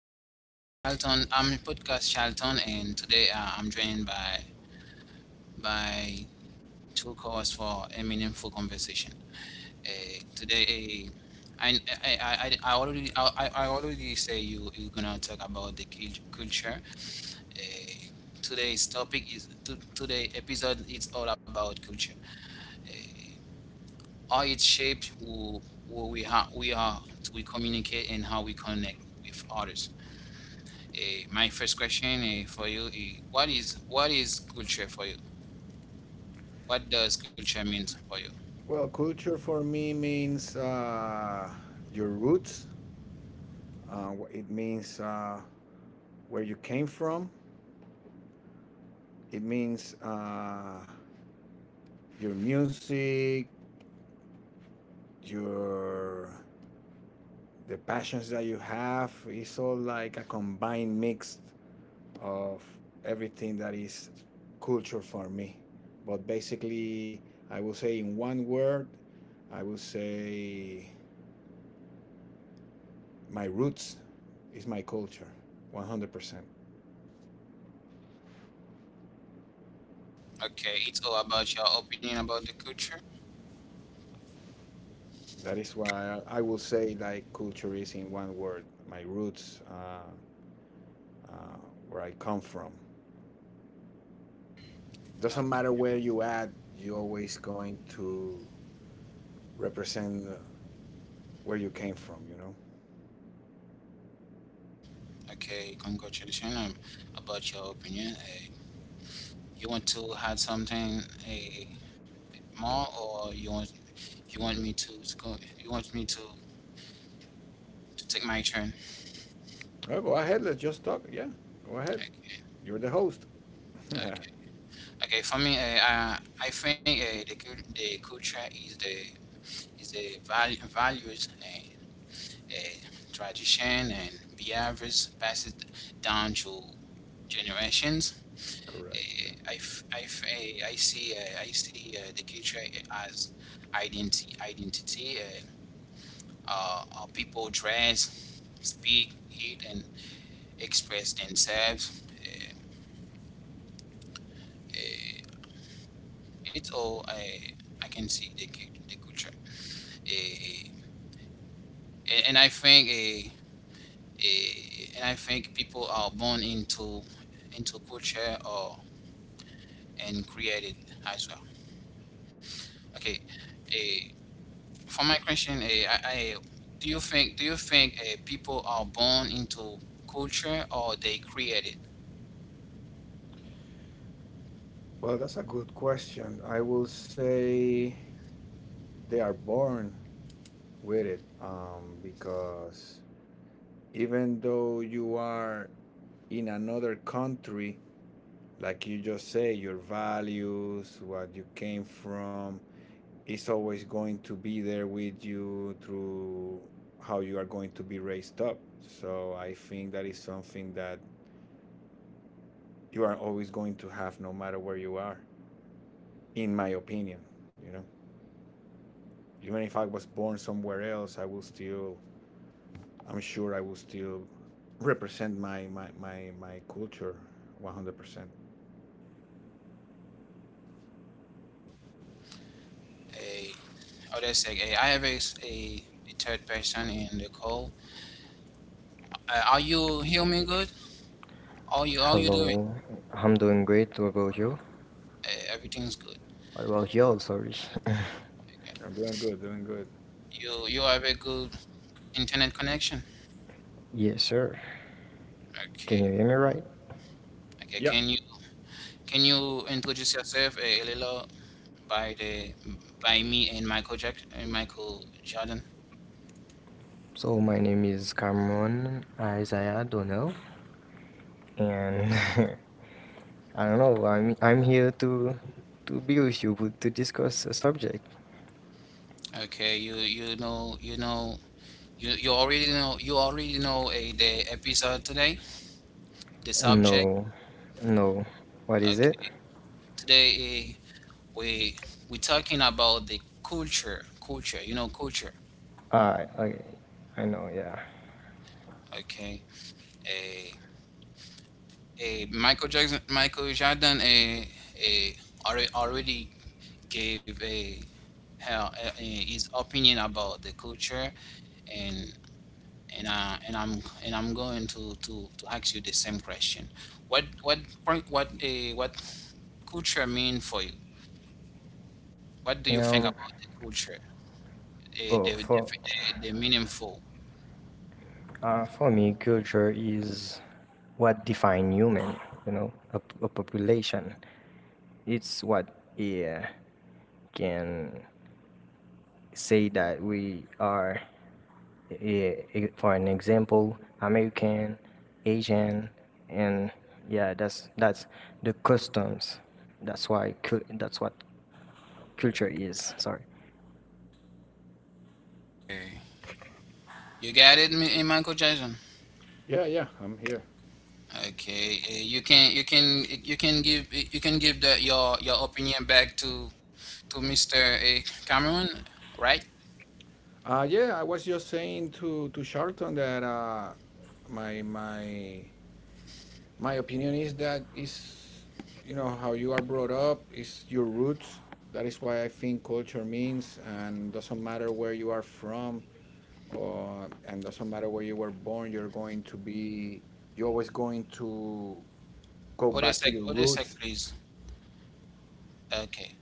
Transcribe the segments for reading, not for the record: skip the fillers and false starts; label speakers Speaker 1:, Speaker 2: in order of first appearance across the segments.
Speaker 1: I'm Charlton. I'm podcast Charlton, and today I'm joined by two co-hosts for a meaningful conversation. Today, uh, I, I already say you're gonna talk about the cul- culture. Uh, today episode is all about culture, how it shapes who we are to we communicate and how we connect with others. Uh, my first question for you is what is culture for you? What does culture mean for you?
Speaker 2: Well, culture for me means your roots. It means where you came from. It means your music, your the passions that you have. It's all like a combined mix of everything that is culture for me. But basically, I will say in one word, I will say my roots is my culture, 100%.
Speaker 1: Okay, it's all about your opinion about the culture.
Speaker 2: That is why I will say like culture is in one word, my roots, uh, where I come from. Doesn't matter
Speaker 1: Okay,
Speaker 2: where you at, you always going to represent where you came from, you know?
Speaker 1: okay, congratulations, about your opinion. You want to add something uh, more, or you want me to go? You want me to take my turn?
Speaker 2: Oh, go ahead, let's just talk. Yeah, go ahead.
Speaker 1: Okay,
Speaker 2: You're the host.
Speaker 1: okay,
Speaker 2: Correct.
Speaker 1: okay. For me, I think the culture is the values. A tradition and behaviors passed down through generations.
Speaker 2: Yeah.
Speaker 1: I see the culture as identity. How people dress, speak, eat, and express themselves. Uh, it's all I can see the culture. Eh, and I think uh, people are born into culture or. And created as well. Okay, eh, for my question, do you think people are born into culture or they create it?
Speaker 2: Well, that's a good question. I will say they are born with it because even though you are in another country, like you just say, your values, what you came from, is always going to be there with you through how you are going to be raised up. So I think that is something that you are always going to have no matter where you are, in my opinion. You know, even if I was born somewhere else, I will still, I'm sure I will still represent my culture 100%.
Speaker 1: Eh, or they say, I have a third person in the call. Are you hear me good? Are you doing?
Speaker 3: Hello, I'm doing great. What about you?
Speaker 1: Everything's good.
Speaker 3: What about you? Sorry.
Speaker 1: Okay.
Speaker 2: I'm doing good, doing good.
Speaker 1: You have a good internet connection.
Speaker 3: Yes, sir. Can
Speaker 1: Okay.
Speaker 3: you hear me right?
Speaker 1: Okay.
Speaker 2: Yeah,
Speaker 1: Can you introduce yourself a little by the by me and Michael Jack and Michael Jordan.
Speaker 3: So my name is Cameron Isaiah Donnell, and I don't know. I'm here to be with you but to discuss a subject.
Speaker 1: Okay, you know you already know the episode today, the subject.
Speaker 3: No, no. What is it?
Speaker 1: Okay, today, we we talking about the culture. You know culture.
Speaker 3: Ah, okay. I know. Yeah.
Speaker 1: Okay, uh, Michael Jackson, Michael Jordan, uh, already gave his opinion about the culture and and I'm going to ask you the same question. What what what culture mean for you? What do you think
Speaker 3: Um.
Speaker 1: about the culture?
Speaker 3: Oh,
Speaker 1: The meaningful.
Speaker 3: for me, culture is what define human. You know, a, a population. It's what, yeah, can say that we are, yeah, for an example, american, asian, and yeah, that's the customs, that's why that's what culture is. Sorry.
Speaker 1: Okay, you got it, Michael Jackson.
Speaker 2: yeah, yeah, I'm here.
Speaker 1: Okay, you can you can you can give your opinion back to Mr. Cameron, right?
Speaker 2: Yeah, I was just saying to Sharton that my my my opinion is that is you know how you are brought up is your roots. That is why I think culture means, and doesn't matter where you are from, or and doesn't matter where you were born. You're going to be you're always going to go
Speaker 1: Other
Speaker 2: back
Speaker 1: sec,
Speaker 2: to your
Speaker 1: Odesek, sec,
Speaker 2: roots.
Speaker 1: please. Okay.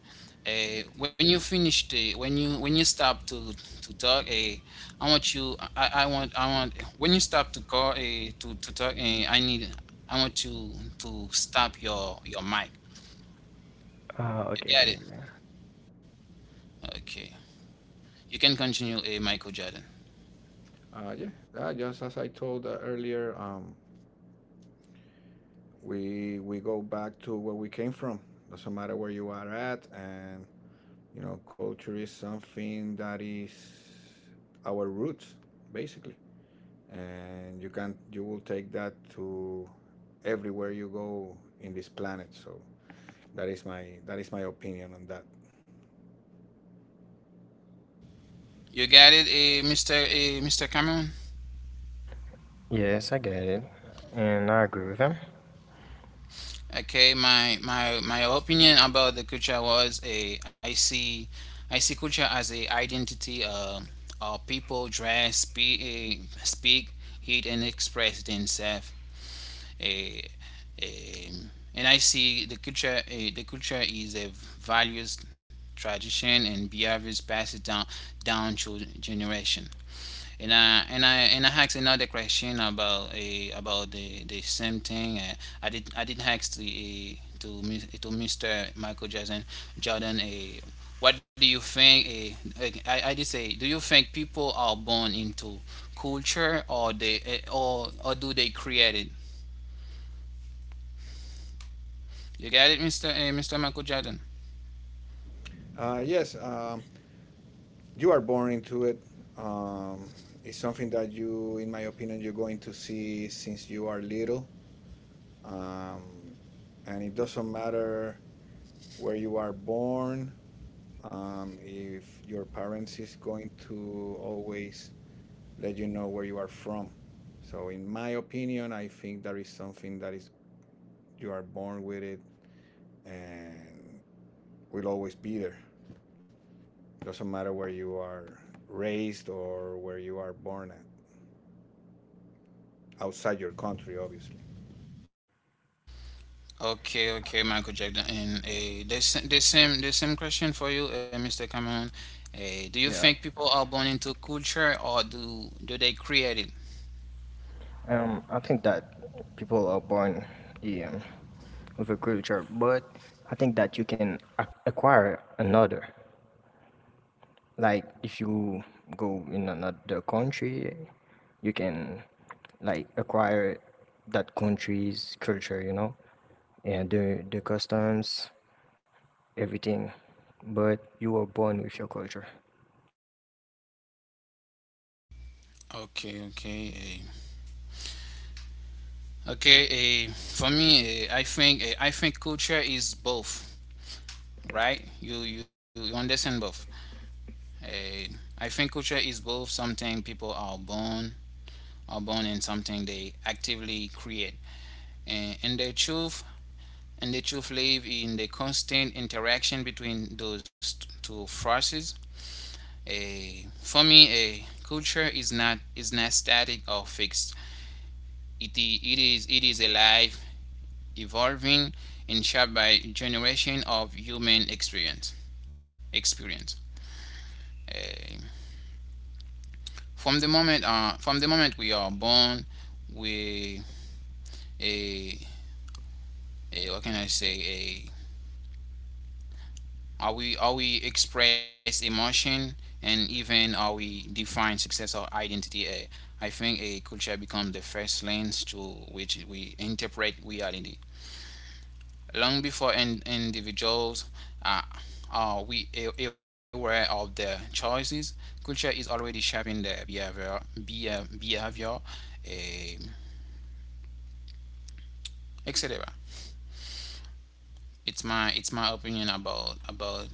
Speaker 1: When you finish the when you stop to talk, I want you I want when you stop to call to talk, I need I want you to stop your mic. You
Speaker 3: Okay.
Speaker 1: got it? Okay. You can continue, Michael Jordan.
Speaker 2: Yeah, just as I told earlier, we go back to where we came from. Doesn't matter where you are at, and you know, culture is something that is our roots, basically, and you will take that to everywhere you go in this planet. So that is my opinion on that.
Speaker 1: You got it, Mr. Cameron.
Speaker 3: Yes, I get it and I agree with him.
Speaker 1: Okay, my opinion about the culture was a I see culture as a identity, people dress, speak, uh, speak, eat, and express themselves. A, a, and I see the culture is a values, tradition, and behaviors passed down through generation, and I asked another question about a about the same thing. I did ask the, to Mr. Michael Jackson Jordan. What do you think? Like, I did say, do you think people are born into culture or do they create it? You get it, Mr. Michael Jordan.
Speaker 2: Yes, you are born into it. Um, it's something that you, in my opinion, you're going to see since you are little. Um, and it doesn't matter where you are born if your parents is going to always let you know where you are from. So in my opinion, I think that is something that is you are born with it and will always be there. It doesn't matter where you are raised or where you are born at, outside your country, obviously.
Speaker 1: Okay, okay, Michael Jackson. And the same question for you, Mr. Cameron. Do you
Speaker 3: Yeah,
Speaker 1: think people are born into culture or do they create it?
Speaker 3: I think that people are born, yeah, with a culture, but I think that you can acquire another, like if you go in another country, you can like acquire that country's culture, you know, and the customs, everything, but you were born with your culture.
Speaker 1: Okay, okay, eh. okay. Eh. For me, I think culture is both, right? You understand both. Eh, I think culture is both something people are born and something they actively create. And, and the truth and the truth live in the constant interaction between those two forces. For me, a culture is not static or fixed. It is alive, evolving, and shaped by generation of human experience. Experience. Eh, from the moment we are born, we a a what can I say a Are we how we express emotion and even how we define success or identity. I think a culture becomes the first lens to which we interpret reality. Long before individuals uh, are we aware of their choices, culture is already shaping their behavior, eh, etc. It's my opinion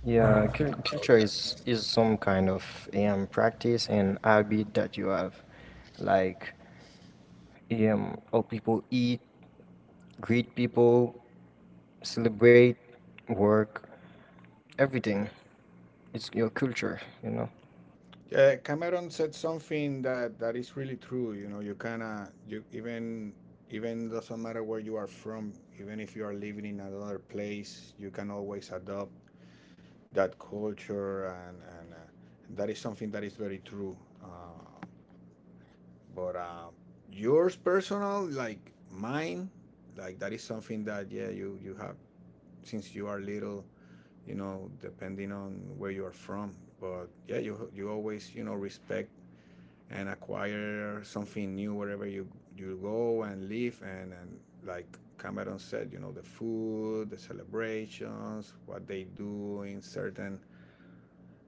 Speaker 3: Yeah,
Speaker 1: about that.
Speaker 3: culture is some kind of practice and habit that you have, like how people eat, greet people, celebrate, work, everything. It's your culture, you know.
Speaker 2: Yeah, Cameron said something that is really true. You know, you kinda you even even doesn't matter where you are from, even if you are living in another place, you can always adopt that culture and and that is something that is very true uh, but yours personal like mine like that is something that, yeah, you have since you are little, you know, depending on where you are from, but yeah, you always, you know, respect and acquire something new wherever you you go and live, and like Cameron said, you know, the food, the celebrations, what they do in certain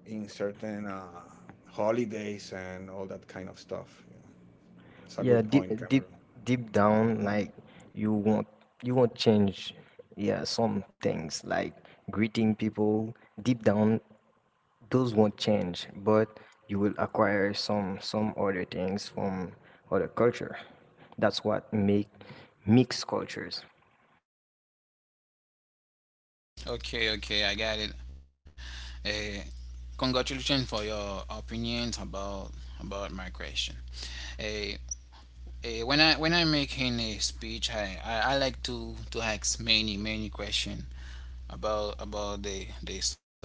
Speaker 2: in certain holidays and all that kind of stuff. You know. It's a
Speaker 3: Yeah,
Speaker 2: good
Speaker 3: deep
Speaker 2: point, Cameron.
Speaker 3: deep deep down, like you want you want change. Yeah, some things like greeting people deep down, those won't change, but you will acquire some other things from other culture. That's what make mixed cultures.
Speaker 1: Okay, okay, I got it. Uh, Congratulations for your opinions about my question. Uh, when I when I'm making a speech, I like to ask many questions about the subject.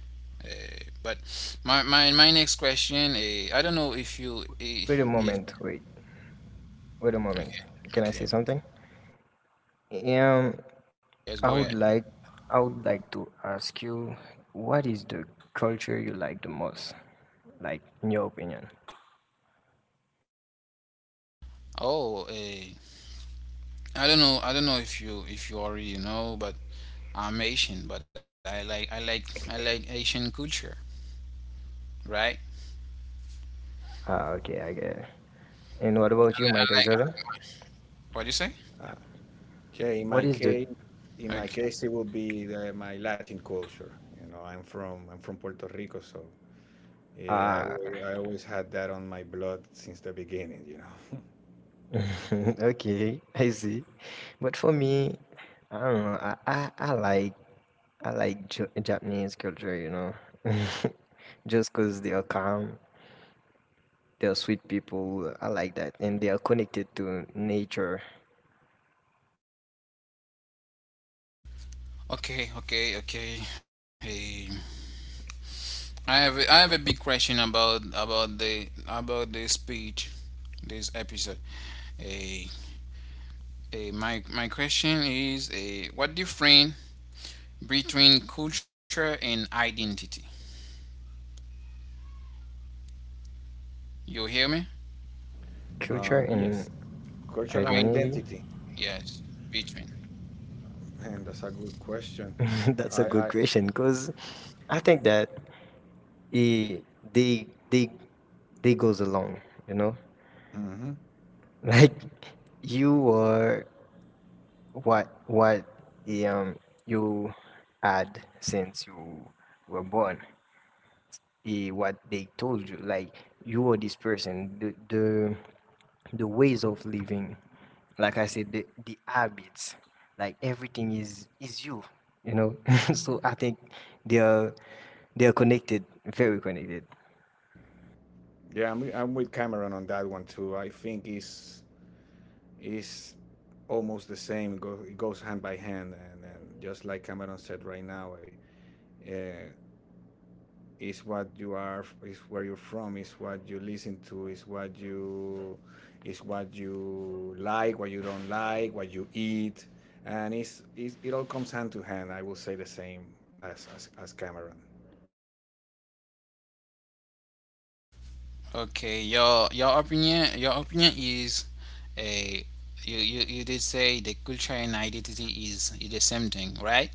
Speaker 1: But my next question, I don't know if you
Speaker 3: Wait a
Speaker 1: if
Speaker 3: moment, wait, wait a
Speaker 1: okay,
Speaker 3: moment. Can
Speaker 1: okay,
Speaker 3: I say something? Yeah.
Speaker 1: let's
Speaker 3: I
Speaker 1: go
Speaker 3: would
Speaker 1: ahead.
Speaker 3: like I would like to ask you, what is the culture you like the most? Like, in your opinion.
Speaker 1: Oh, I don't know if you already know, but I'm Asian, but I like Asian culture, right?
Speaker 3: Ah, okay, I get it. And what about you,
Speaker 1: I
Speaker 3: Michael
Speaker 1: like,
Speaker 3: Jordan?
Speaker 1: what do you say?
Speaker 2: Okay,
Speaker 3: What is the?
Speaker 2: in
Speaker 1: Okay,
Speaker 2: my case, it would be the, my Latin culture. You know, I'm from Puerto Rico, so
Speaker 3: Ah,
Speaker 2: I always had that on my blood since the beginning. You know.
Speaker 3: okay, I see. But for me, I don't know, I like Japanese culture, you know. Just because they are calm, they are sweet people. I like that. And they are connected to nature.
Speaker 1: okay, okay, okay. Hey, I have a big question about the speech this episode. Hey, hey, my question is a what difference between culture and identity? You hear me?
Speaker 3: Culture
Speaker 2: um,
Speaker 3: and.
Speaker 2: yes, culture
Speaker 1: I
Speaker 2: and
Speaker 3: Identity?
Speaker 2: identity.
Speaker 1: Yes, between.
Speaker 2: Man, that's a good question.
Speaker 3: That's a
Speaker 2: I,
Speaker 3: good
Speaker 2: I,
Speaker 3: question because I think that it, they they goes along, you know,
Speaker 2: mhm.
Speaker 3: like you are, what eh, um you had since you were born. Eh, what they told you, like you are this person, the ways of living, like I said, the habits, like everything is you, you know. So I think they are they are connected, very connected.
Speaker 2: Yeah, I'm with Cameron on that one too. I think it's is almost the same. It goes hand by hand, and just like Cameron said right now, uh, is what you are, is where you're from, is what you listen to, is what you like, what you don't like, what you eat, and it's it all comes hand to hand. I will say the same as Cameron.
Speaker 1: Okay, your opinion is a you, you you did say the culture and identity is the same thing, right?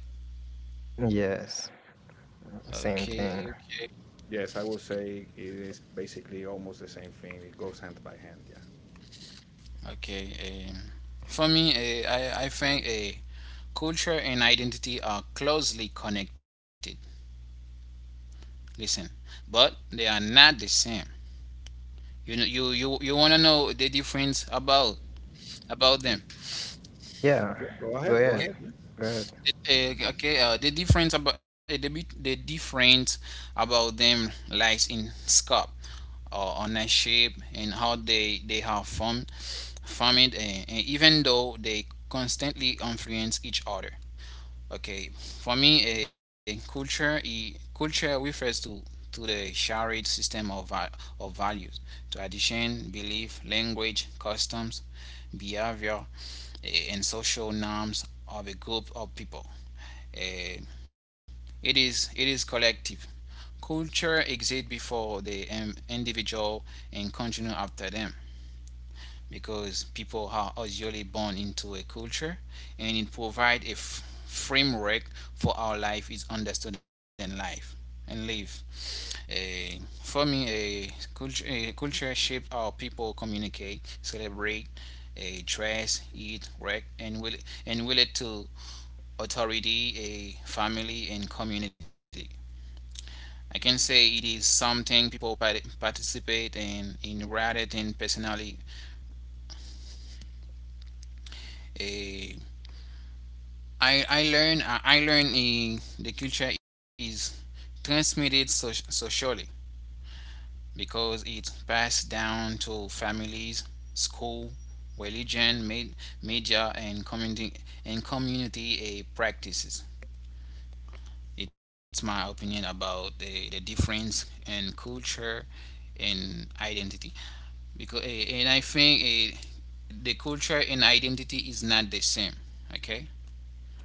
Speaker 3: Yes,
Speaker 1: Okay,
Speaker 3: same
Speaker 1: okay.
Speaker 3: thing.
Speaker 2: Yes, I will say it is basically almost the same thing. It goes hand by hand. Yeah.
Speaker 1: Okay. Um, for me, I think culture and identity are closely connected. Listen, but they are not the same. You know, you wanna know the difference about them.
Speaker 3: Yeah,
Speaker 2: Yeah. Go
Speaker 3: go
Speaker 2: ahead. Go
Speaker 3: ahead,
Speaker 2: ahead. Yeah.
Speaker 3: go ahead.
Speaker 1: Okay, the difference about the difference about them lies in scope or ownership and how they have formed, formed, and even though they constantly influence each other. Okay, for me, culture refers to the shared system of values, tradition, belief, language, customs, behavior, and social norms of a group of people. Eh, it is collective. Culture exists before the, individual and continue after them because people are usually born into a culture and it provides a framework for how life is understood and live. Eh, for me, a culture shapes how people communicate, celebrate, a dress, eat, work, and relate to authority, a family, and community. I can say it is something people participate in rather than personally. eh, the culture is transmitted socially because it's passed down to families, school, religion, media, and community practices. It's my opinion about the difference in culture and identity, because and I think, the culture and identity is not the same. Okay,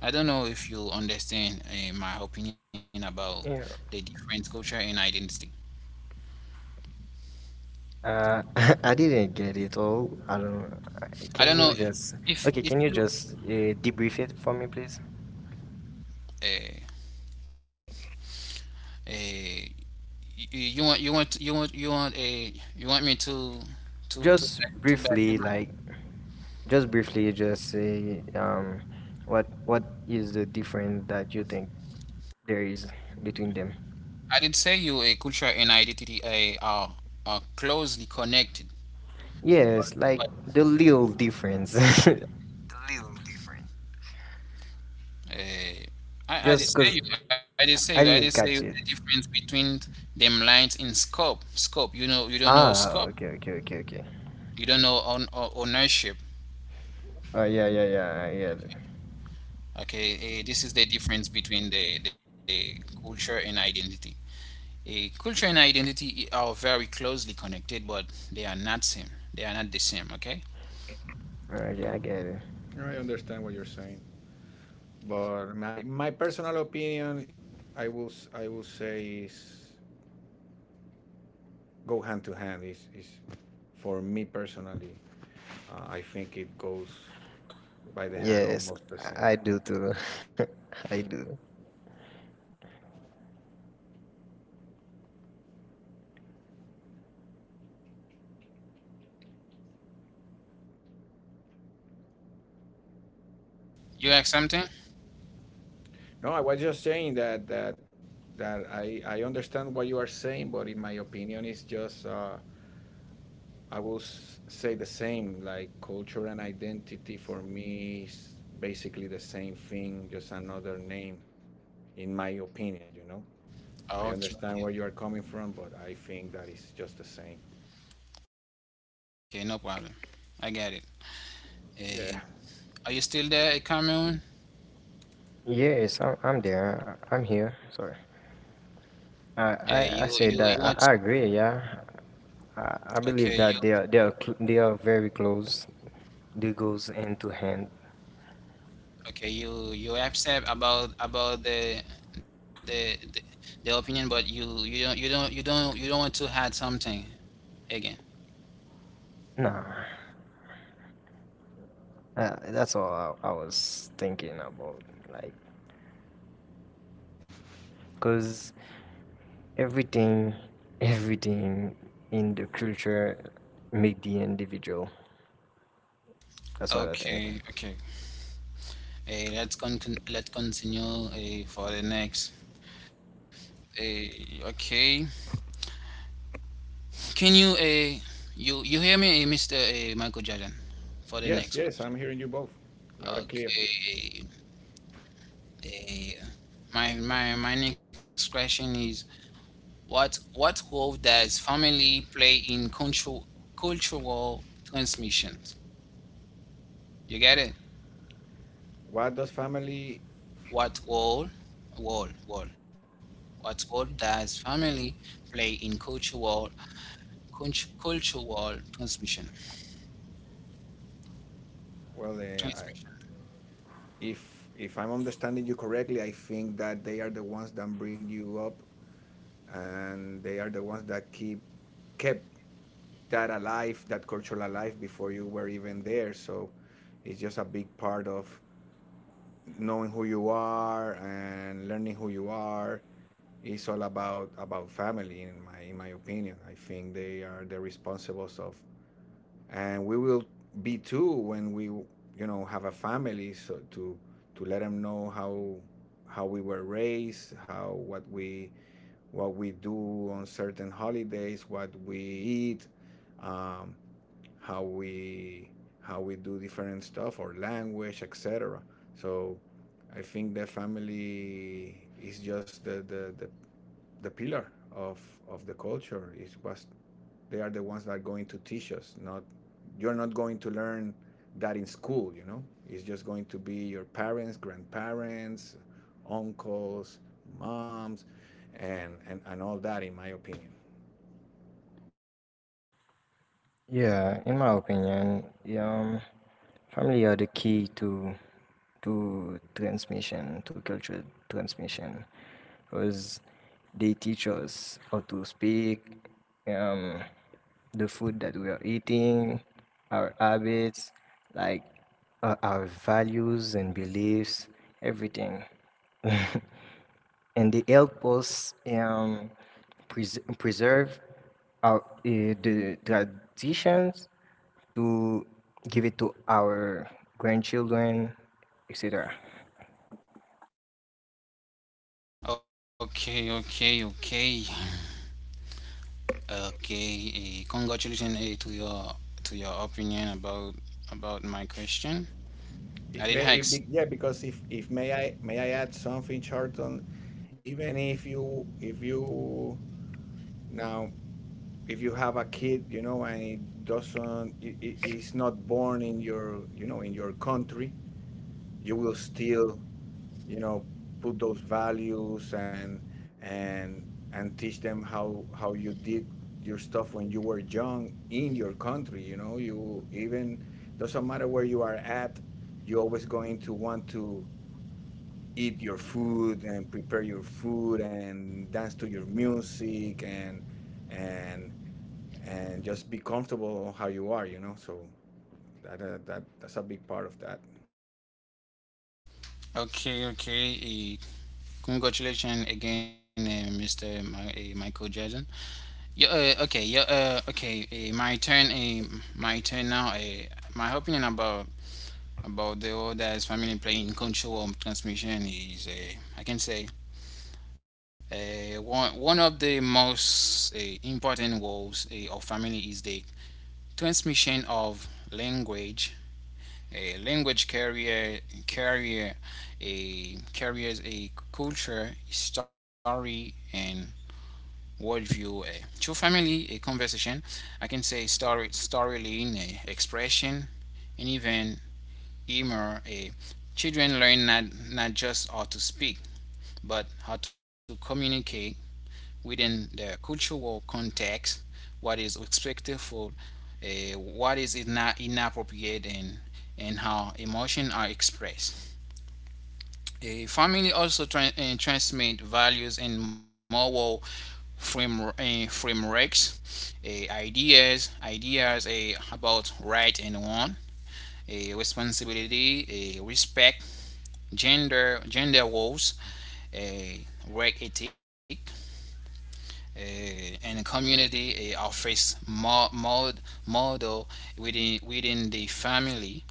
Speaker 1: I don't know if you understand my opinion about the
Speaker 3: Yeah.
Speaker 1: different culture and identity.
Speaker 3: Uh, I didn't get it all, I don't,
Speaker 1: I
Speaker 3: can
Speaker 1: don't
Speaker 3: you
Speaker 1: know
Speaker 3: just? Okay,
Speaker 1: if
Speaker 3: can you
Speaker 1: you
Speaker 3: just, debrief it for me please?
Speaker 1: uh, uh, y- y- you want you want you want you want a you want me to
Speaker 3: Just
Speaker 1: to back in
Speaker 3: briefly,
Speaker 1: my.
Speaker 3: like. Just briefly, just say, what is the difference that you think there is between them?
Speaker 1: I did say you a culture and identity are closely connected, but,
Speaker 3: Yes, like
Speaker 1: but,
Speaker 3: the little difference. The little difference.
Speaker 1: uh, I did
Speaker 3: Just
Speaker 1: say
Speaker 3: because
Speaker 1: you I did say you I did
Speaker 3: I
Speaker 1: say you
Speaker 3: didn't
Speaker 1: the
Speaker 3: catch it.
Speaker 1: difference between them lines in scope. You know you don't know scope.
Speaker 3: Ah, okay, okay, okay, okay.
Speaker 1: You don't know own, ownership.
Speaker 3: Oh, yeah, yeah, yeah, I get it.
Speaker 1: Okay, this is the difference between the culture and identity. Culture and identity are very closely connected, but they are not same. They are not the same. Okay,
Speaker 3: Okay, I get it.
Speaker 2: I understand what you're saying. But my personal opinion, I will say is go hand to hand. Is for me personally, I think it goes by the hand
Speaker 3: Yes,
Speaker 2: almost the same.
Speaker 3: I do too. I do.
Speaker 1: you ask something.
Speaker 2: No, I was just saying that that that I understand what you are saying, but in my opinion, it's just say the same. Like culture and identity for me is basically the same thing, just another name, in my opinion. You know.
Speaker 1: Ah,
Speaker 2: I
Speaker 1: okay,
Speaker 2: understand
Speaker 1: okay,
Speaker 2: where you are coming from, but I think that is just the same.
Speaker 1: okay, no problem. I get it.
Speaker 2: Yeah.
Speaker 1: Uh, are you still there, Cameron?
Speaker 3: Yes, I'm there. I'm here. Sorry.
Speaker 1: Uh,
Speaker 3: I,
Speaker 1: you
Speaker 3: I,
Speaker 1: you
Speaker 3: I
Speaker 1: you
Speaker 3: said
Speaker 1: want?
Speaker 3: that, I agree. Yeah, I
Speaker 1: Okay,
Speaker 3: believe
Speaker 1: you
Speaker 3: that they are they are very close. They goes hand to hand.
Speaker 1: okay you you upset about the the the, the opinion, but you don't you don't you don't you don't want to add something again.
Speaker 3: Nah, that's all I was thinking about. Like, cause everything, everything in the culture make the individual. That's what I think.
Speaker 1: Okay, okay. Eh, let's con let's continue, for the next. Okay. Can you, you you hear me, Mr. Michael Jordan, for the next
Speaker 2: Yes,
Speaker 1: question?
Speaker 2: yes, I'm hearing you both, loud and clear.
Speaker 1: Okay. Eh, my next question is what role does family play in control cultural transmissions? You get it?
Speaker 2: What does family?
Speaker 1: What role? Role. What role does family play in cultural cultural transmission.
Speaker 2: Well,
Speaker 1: Transmission.
Speaker 2: if I'm understanding you correctly, I think that they are the ones that bring you up, and they are the ones that keep kept that alive, that culture alive before you were even there. So, it's just a big part of knowing who you are and learning who you are is all about family. In my in my opinion, I think they are the responsible of, and we will be too when we, you know, have a family, so to let them know how we were raised, how what we do on certain holidays, what we eat, um, how we how we do different stuff or language, etc. So I think the family is just the pillar of the culture. It was they are the ones that are going to teach us. Not you're not going to learn that in school, you know. It's just going to be your parents, grandparents, uncles, moms, and and all that, in my opinion.
Speaker 3: Yeah, in my opinion, yeah, family are the key to transmission, to cultural transmission, because they teach us how to speak, um, the food that we are eating, our habits, like our values and beliefs, everything. And they help us, preserve our, the traditions, to give it to our grandchildren, etc.
Speaker 1: Okay, okay, okay, okay. Congratulations to your opinion about my question.
Speaker 2: If
Speaker 1: I
Speaker 2: may,
Speaker 1: did
Speaker 2: if, be-
Speaker 1: hacks.
Speaker 2: yeah, Because if may I may I add something, Charlton, even if you now if you have a kid, you know, and it doesn't it's not born in your, you know, in your country, you will still, you know, put those values and and and teach them how you did your stuff when you were young in your country. You know, you even doesn't matter where you are at, you always going to want to eat your food and prepare your food and dance to your music and and and just be comfortable how you are, you know. So that that's a big part of that.
Speaker 1: Okay, okay. Eh, congratulations again, Mr. Michael Jackson. Yeah. Okay. Yeah. Okay. My turn now. My opinion about the others family playing control of transmission is I can say one of the most important roles of family is the transmission of language. A language carrier carrier a carriers a culture, story, and worldview. Through family, a conversation, I can say story, storyline, expression, and even humor. Children learn not just how to speak, but how to communicate within the cultural context, what is expected for what is inappropriate, and how emotions are expressed. A family also transmit values and moral frameworks, ideas about right and wrong, a responsibility, a respect, gender roles, a work ethic, and a community offers model within the family,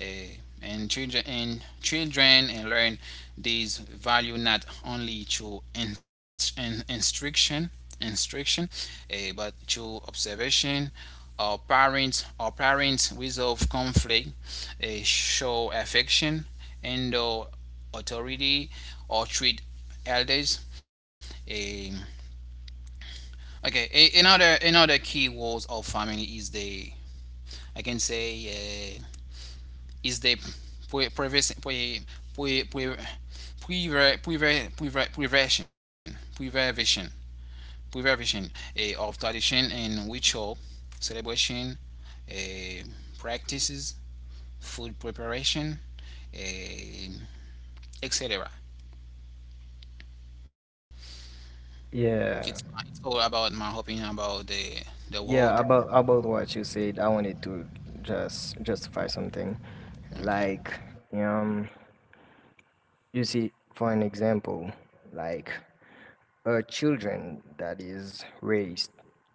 Speaker 1: eh, and children and children and learn these value not only through inst- in, instruction instruction but through observation. Our parents resolve conflict, show affection and authority, or treat elders eh, Okay, another key words of family is the, I can say is the pre- previs- pre- pre- pre- prever- prever- prever- preversion preservation preservation of tradition and ritual, celebration, uh, practices, food preparation uh, etc. It's
Speaker 3: Yeah,
Speaker 1: it's all about my opinion about the world
Speaker 3: yeah.
Speaker 1: that.
Speaker 3: About what you said, I wanted to just justify something,
Speaker 1: Okay,
Speaker 3: like um, you see, for an example, like a children that is raised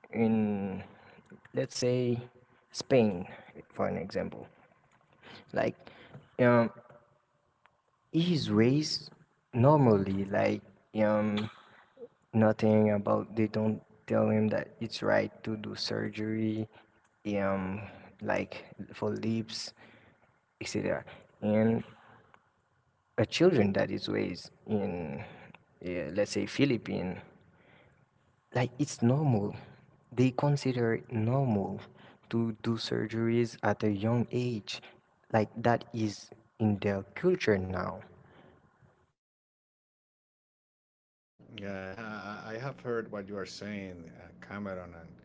Speaker 3: in, let's say, Spain, for an example, like um, he is raised normally, like, um, nothing about. They don't tell him that it's right to do surgery, um, like for lips, etc. And a children that is raised in, yeah, let's say Philippine, like it's normal. They consider it normal to do surgeries at a young age. Like that is in their culture now.
Speaker 2: I have heard what you are saying, Cameron, and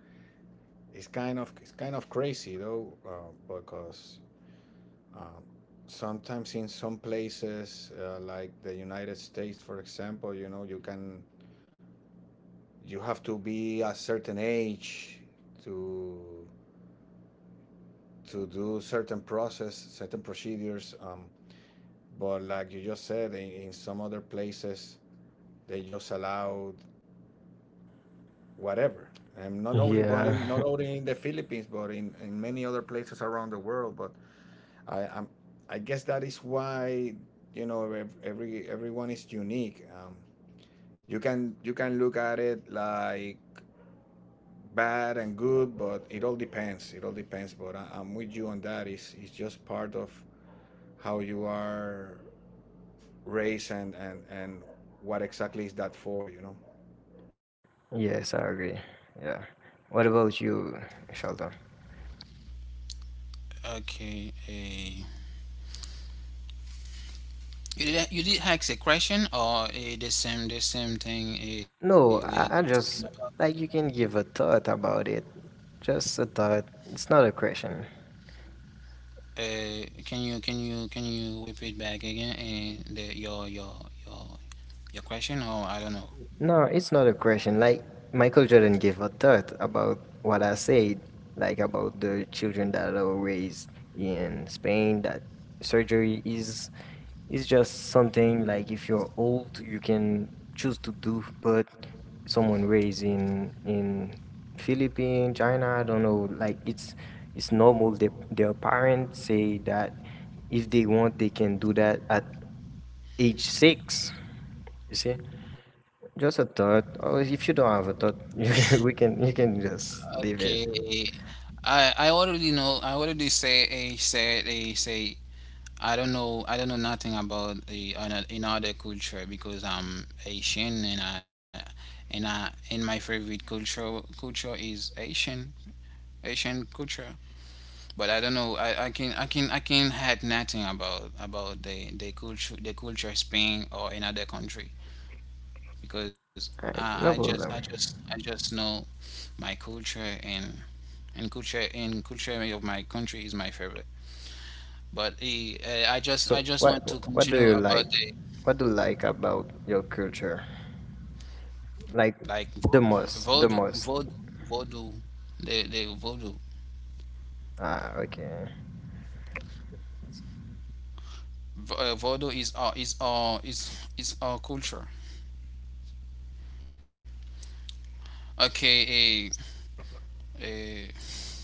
Speaker 2: it's kind of crazy though, because uh, sometimes in some places, like the United States, for example, you know, you have to be a certain age to to do certain process, certain procedures. But like you just said, in some other places they just allowed whatever. And
Speaker 3: Yeah.
Speaker 2: not only in the Philippines, but in many other places around the world. But I I'm, I guess that is why, you know, every everyone is unique. You can you can look at it like bad and good, but it all depends. It all depends. But I'm with you on that. It's just part of how you are race, and what exactly is that for, you know?
Speaker 3: Yes, I agree. Yeah. What about you, Sheldon?
Speaker 1: okay. Uh, you did ask a question, or the same thing we
Speaker 3: No,
Speaker 1: talking
Speaker 3: I
Speaker 1: about?
Speaker 3: just, like, you can give a thought about it. Just a thought. It's not a question.
Speaker 1: Can you can you can you repeat back again, the, your your question, or I don't know.
Speaker 3: No, it's not a question. Like Michael Jordan gave a thought about what I said, like about the children that are raised in Spain. That surgery is just something like, if you're old, you can choose to do, but someone raised in Philippines, China, I don't know. Like it's normal. They, their parents say that if they want, they can do that at age six. You see? Just a thought, or if you don't have a thought, you can, we can, you can just leave
Speaker 1: Okay,
Speaker 3: it.
Speaker 1: I already know. I already say a said a say. I don't know. I don't know nothing about the another culture because I'm Asian, and I and I and my favorite culture is Asian culture. But I don't know. I, I can had nothing about about the culture, the culture Spain or another country, because
Speaker 3: Alright,
Speaker 1: I, I
Speaker 3: no
Speaker 1: just I
Speaker 3: problem.
Speaker 1: just I just know my culture, and culture of my country is my favorite. But
Speaker 3: So,
Speaker 1: I just
Speaker 3: what
Speaker 1: want to
Speaker 3: what do you
Speaker 1: continue
Speaker 3: like?
Speaker 1: about the,
Speaker 3: What do you like about your culture? Like,
Speaker 1: like
Speaker 3: the most, the
Speaker 1: voodoo
Speaker 3: most.
Speaker 1: voodoo voodoo, the voodoo.
Speaker 3: Ah, okay.
Speaker 1: Voodoo is our is our is our culture. Okay, eh, eh,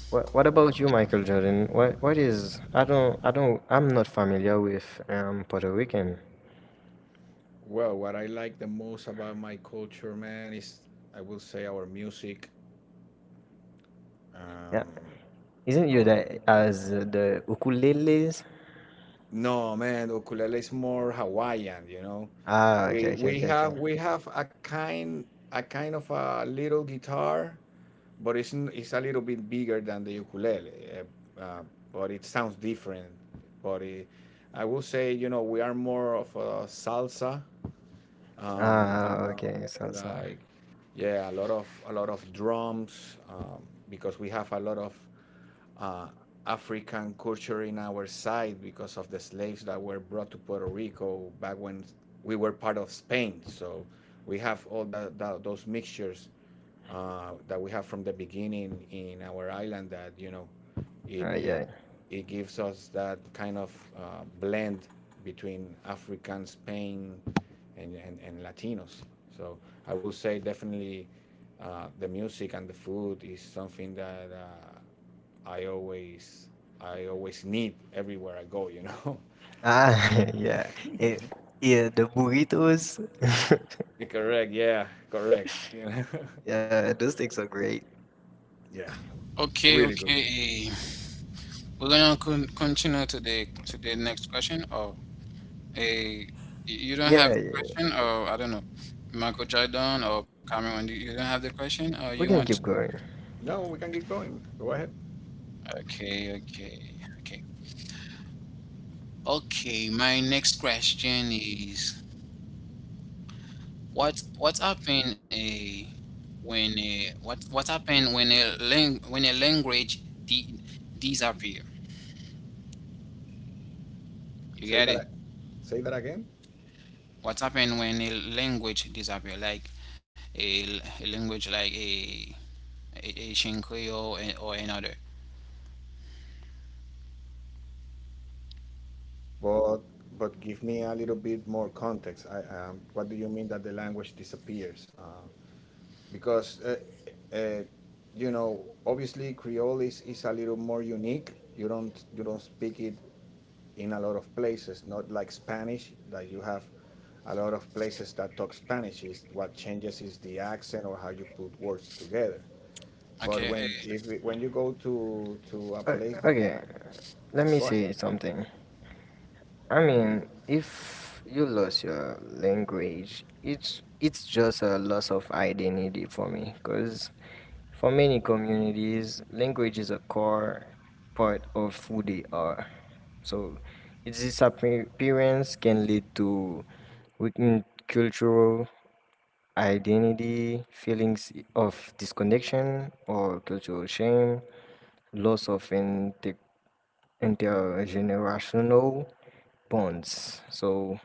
Speaker 3: What about you, Michael Jordan? What is? I don't I'm not familiar with, Puerto Rican.
Speaker 2: Well, what I like the most about my culture, man, is I will say our music,
Speaker 3: Yeah,
Speaker 2: um,
Speaker 3: isn't you
Speaker 2: our
Speaker 3: that as, the ukuleles?
Speaker 2: no, man, ukulele is more Hawaiian, you know.
Speaker 3: Ah, okay, okay, okay, okay.
Speaker 2: We have a kind of a little guitar, but it's a little bit bigger than the ukulele, but it sounds different. But it, I will say, you know, we are more of a salsa, you
Speaker 3: Ah,
Speaker 2: know,
Speaker 3: okay, salsa.
Speaker 2: like, yeah, a lot of drums, because we have a lot of uh, African culture in our side because of the slaves that were brought to Puerto Rico back when we were part of Spain. So we have all that, that those mixtures that we have from the beginning in our island that, you know,
Speaker 3: Ah,
Speaker 2: it
Speaker 3: yeah.
Speaker 2: it gives us that kind of blend between African, Spain, and Latinos. So I will say definitely the music and the food is something that I always need everywhere I go. You know.
Speaker 3: Ah, yeah. It, yeah, the burritos.
Speaker 2: Correct? Yeah, correct. Yeah, correct.
Speaker 3: Yeah, those things are great.
Speaker 2: Yeah,
Speaker 1: okay,
Speaker 2: really
Speaker 1: okay.
Speaker 2: good.
Speaker 1: Eh. We're gonna continue to the next question. Or, a you don't have
Speaker 3: Yeah,
Speaker 1: the
Speaker 3: yeah, yeah.
Speaker 1: question, or I don't know, Michael Jordan or Cameron. You don't have the question, or you
Speaker 3: We
Speaker 1: want to?
Speaker 3: can keep going.
Speaker 2: No, we can keep going. Go ahead.
Speaker 1: Okay, okay, okay, okay. My next question is, what happened a when a, what happened when a when a language disappear? You
Speaker 2: Say
Speaker 1: get
Speaker 2: that.
Speaker 1: it?
Speaker 2: Say that again.
Speaker 1: What happened when a language disappear? Like a language like Asian Creole, and, or another.
Speaker 2: But but give me a little bit more context. I What do you mean that the language disappears? Because uh, you know, obviously Creole is a little more unique. You don't speak it in a lot of places. Not like Spanish that you have a lot of places that talk Spanish. Is what changes is the accent or how you put words together.
Speaker 1: Okay,
Speaker 2: But
Speaker 1: eh,
Speaker 2: when if it- when you go to a place that
Speaker 3: Okay, let me
Speaker 2: go ahead.
Speaker 3: say something. I mean, if you lose your language, it's just a loss of identity for me. Because for many communities, language is a core part of who they are. So, its disappearance can lead to weakened cultural identity, feelings of disconnection or cultural shame, loss of integrity, intergenerational bonds. So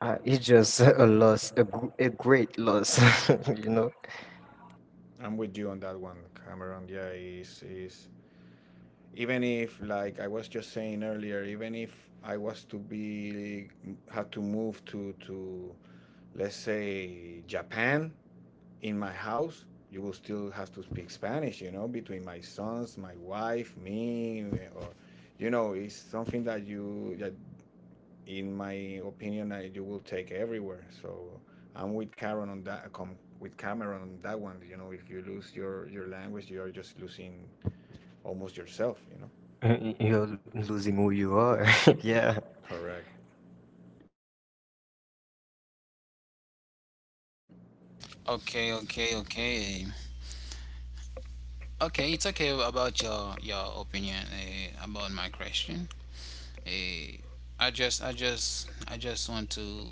Speaker 3: it's just a loss, a, a great loss, you know.
Speaker 2: I'm with you on that one, Cameron. Yeah, is even if like I was just saying earlier, even if I was to be had to move to let's say Japan in my house, you will still have to speak Spanish, you know, between my sons, my wife, me, or you know, it's something that you that in my opinion, you will take everywhere. So I'm with Cameron on that. Com, with Cameron on that one, you know, if you lose your language, you are just losing almost yourself. You know.
Speaker 3: Y- You're losing who you are. Yeah.
Speaker 2: Correct.
Speaker 1: okay. Okay, it's okay about your opinion about my question. Uh, I just want to.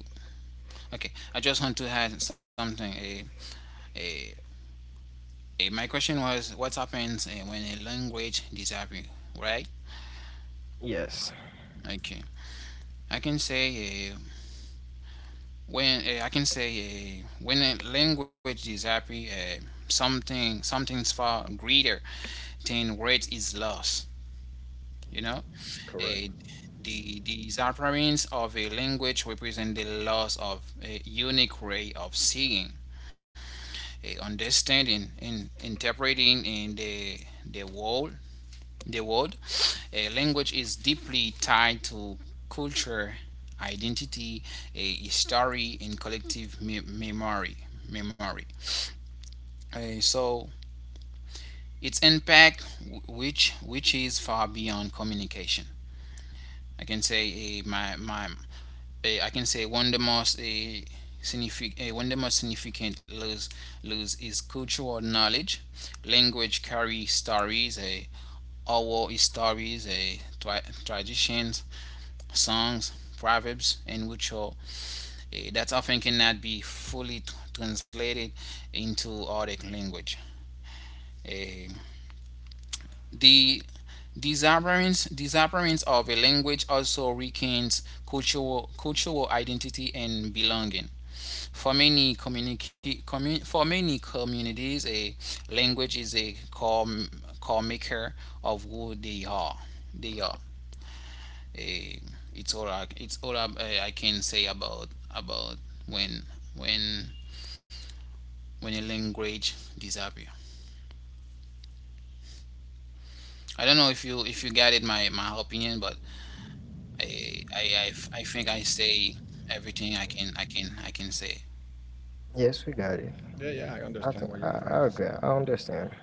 Speaker 1: Okay, I just want to add something. Uh, my question was, what happens when a language disappears? Right?
Speaker 3: Yes.
Speaker 1: Okay. I can say when I can say when a language disappears, something's far greater then weight is lost. You know,
Speaker 2: Correct.
Speaker 1: Eh, the disappearance of a language represents the loss of a unique way of seeing, a understanding, and interpreting in the world. The world, a language is deeply tied to culture, identity, a history, and collective memory. Memory. So its impact, which is far beyond communication. I can say my my I can say one of the most significant, one of the most significant laws laws is cultural knowledge. Language carry stories, oral stories, traditions, songs, proverbs, and ritual that often cannot be fully translated into other language. Uh, the disappearance of a language also weakens cultural identity and belonging. For many communities, a language is core maker of who they are. They are. A. it's all. I, It's all I, I can say about when when when a language disappears. I don't know if you got it my my opinion, but I think I say everything I can say.
Speaker 3: Yes, we got it.
Speaker 2: Yeah, yeah, I
Speaker 3: I
Speaker 2: understand
Speaker 3: think
Speaker 2: what you're trying
Speaker 3: I
Speaker 2: to
Speaker 3: agree.
Speaker 2: say.
Speaker 3: I understand.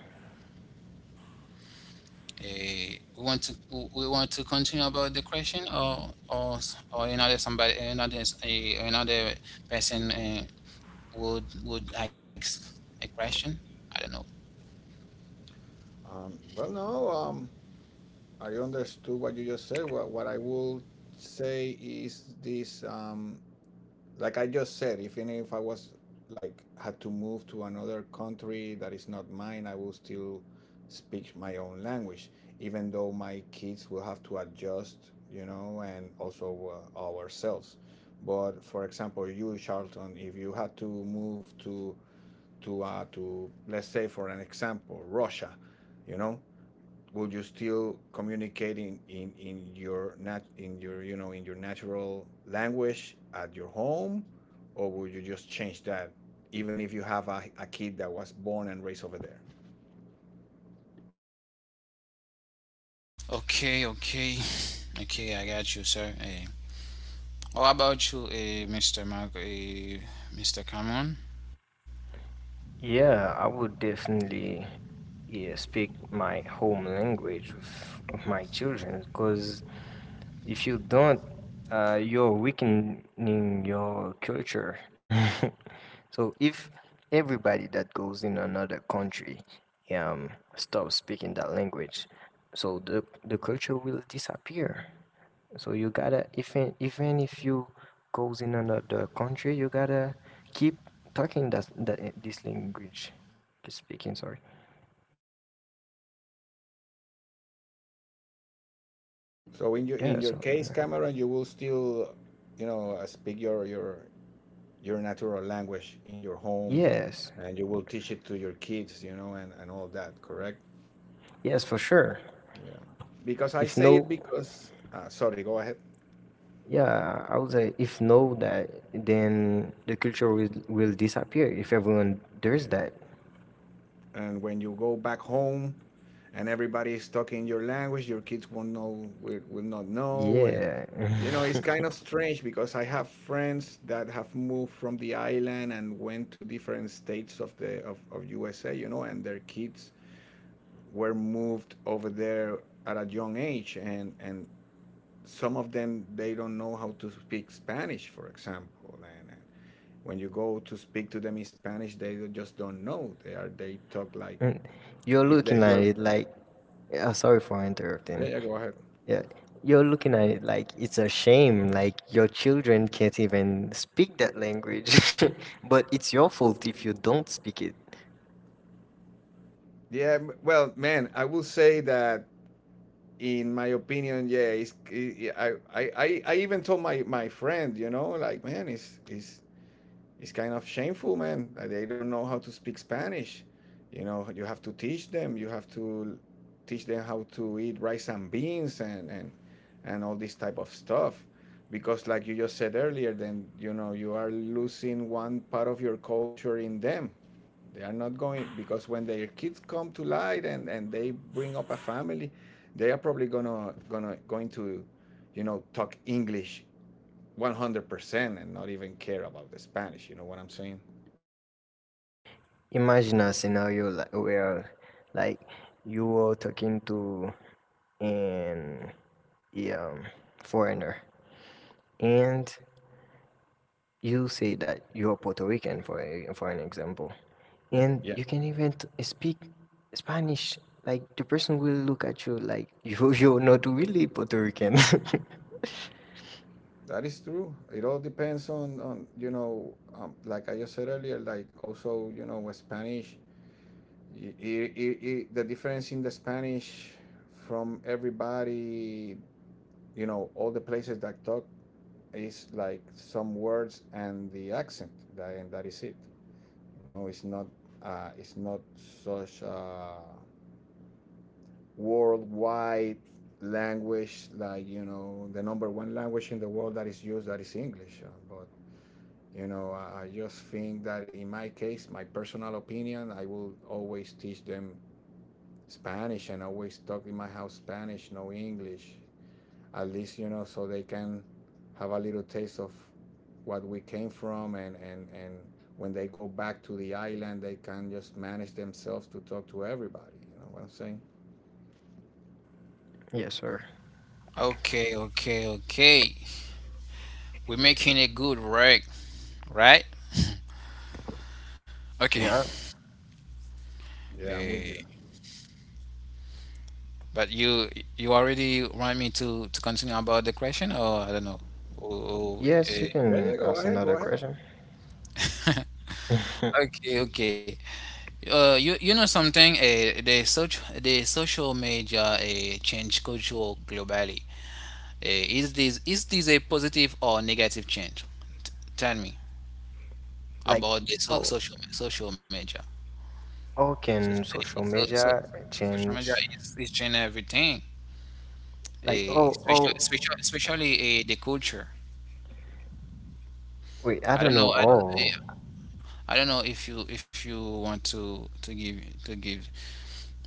Speaker 1: Uh, we want to we want to continue about the question or another somebody another, another person would ask a question. I don't know.
Speaker 2: Well, no, I understood what you just said. What I will say is this: like I just said, if even if I was like had to move to another country that is not mine, I will still speak my own language, even though my kids will have to adjust, you know, and also ourselves. But for example, you, Charlton, if you had to move to let's say for an example, Russia, you know, would you still communicate in your nat in your you know in your natural language at your home, or would you just change that even if you have a kid that was born and raised over there.
Speaker 1: Okay, okay, okay. I got you, sir. What about you, Mr. Mark, Mr. Cameron?
Speaker 3: Yeah, I would definitely, yeah, speak my home language with my children, because if you don't, you're weakening your culture. So if everybody that goes in another country, um, stops speaking that language, so the culture will disappear. So you gotta, even even if you goes in another country, you gotta keep talking that, this language, keep speaking. Sorry.
Speaker 2: So in your in
Speaker 3: Yeah.
Speaker 2: your
Speaker 3: So
Speaker 2: case, Cameron, you will still, you know, speak your your natural language in your home,
Speaker 3: yes,
Speaker 2: and you will teach it to your kids, you know, and all that. Correct?
Speaker 3: yes for sure.
Speaker 2: Yeah. Because I
Speaker 3: If
Speaker 2: say it
Speaker 3: no,
Speaker 2: because sorry, go ahead.
Speaker 3: yeah, I would say if no that, then the culture will disappear if everyone does that.
Speaker 2: And when you go back home and everybody is talking your language, your kids won't know, will not know. And
Speaker 3: Yeah.
Speaker 2: you know, it's kind of strange because I have friends that have moved from the island and went to different states of the of USA, you know, and their kids were moved over there at a young age, and some of them they don't know how to speak Spanish, for example, and when you go to speak to them in Spanish, they just don't know. They are, they talk like
Speaker 3: Mm, you're
Speaker 2: if they
Speaker 3: looking at
Speaker 2: were.
Speaker 3: it like, sorry for
Speaker 2: Yeah,
Speaker 3: interrupting.
Speaker 2: yeah, go ahead.
Speaker 3: Yeah, you're looking at it like it's a shame, like your children can't even speak that language, but it's your fault if you don't speak it.
Speaker 2: Yeah, m- well, man, I will say that in my opinion, yeah, it's, I even told my friend, you know, like, man, it's kind of shameful, man. Like, they don't know how to speak Spanish. You know, you have to teach them. You have to teach them how to eat rice and beans and all this type of stuff. Because, like you just said earlier, then you know you are losing one part of your culture in them. They are not going because when their kids come to light and they bring up a family, they are probably gonna gonna going to, you know, talk English 100% and not even care about the Spanish. You know what I'm saying?
Speaker 3: Imagine a scenario like, where, like, you are talking to an, yeah, foreigner, and you say that you're Puerto Rican for a, for an example, and
Speaker 2: Yeah.
Speaker 3: you can even speak Spanish. Like the person will look at you like you you're not really Puerto Rican.
Speaker 2: That is true. It all depends on you know, like I just said earlier, like also, you know, with Spanish, the difference in the Spanish from everybody, you know, all the places that talk is like some words and the accent, that, and that is it. You know, it's not such a worldwide language like you know the number one language in the world that is used that is English, but you know I just think that in my case, my personal opinion, I will always teach them Spanish and always talk in my house Spanish, no English, at least, you know, so they can have a little taste of what we came from, and when they go back to the island, they can just manage themselves to talk to everybody. You know what I'm saying?
Speaker 3: Yes, sir.
Speaker 1: Okay, okay, okay. We're making a good work, right? Okay.
Speaker 3: Yeah.
Speaker 2: Yeah, I'm
Speaker 1: Uh,
Speaker 2: with you.
Speaker 1: But you already want me to continue about the question, or I don't know. Oh, oh,
Speaker 3: Yes, you
Speaker 1: eh.
Speaker 2: Yeah,
Speaker 3: can
Speaker 2: yeah, go
Speaker 3: ask
Speaker 2: ahead,
Speaker 3: another
Speaker 2: go ahead.
Speaker 3: question.
Speaker 1: okay, okay. You you know something? The social the social media change culture globally. Is this is this a positive or negative change? T- Tell me
Speaker 3: Like,
Speaker 1: about the
Speaker 3: oh,
Speaker 1: social social media.
Speaker 3: how
Speaker 1: So,
Speaker 3: can social
Speaker 1: so, so,
Speaker 3: media
Speaker 1: social media
Speaker 3: change?
Speaker 1: is changing everything.
Speaker 3: Like, oh, oh,
Speaker 1: Especially the culture.
Speaker 3: wait, I
Speaker 1: I
Speaker 3: don't
Speaker 1: don't
Speaker 3: know.
Speaker 1: know. I don't.
Speaker 3: Oh,
Speaker 1: I don't know if you want to give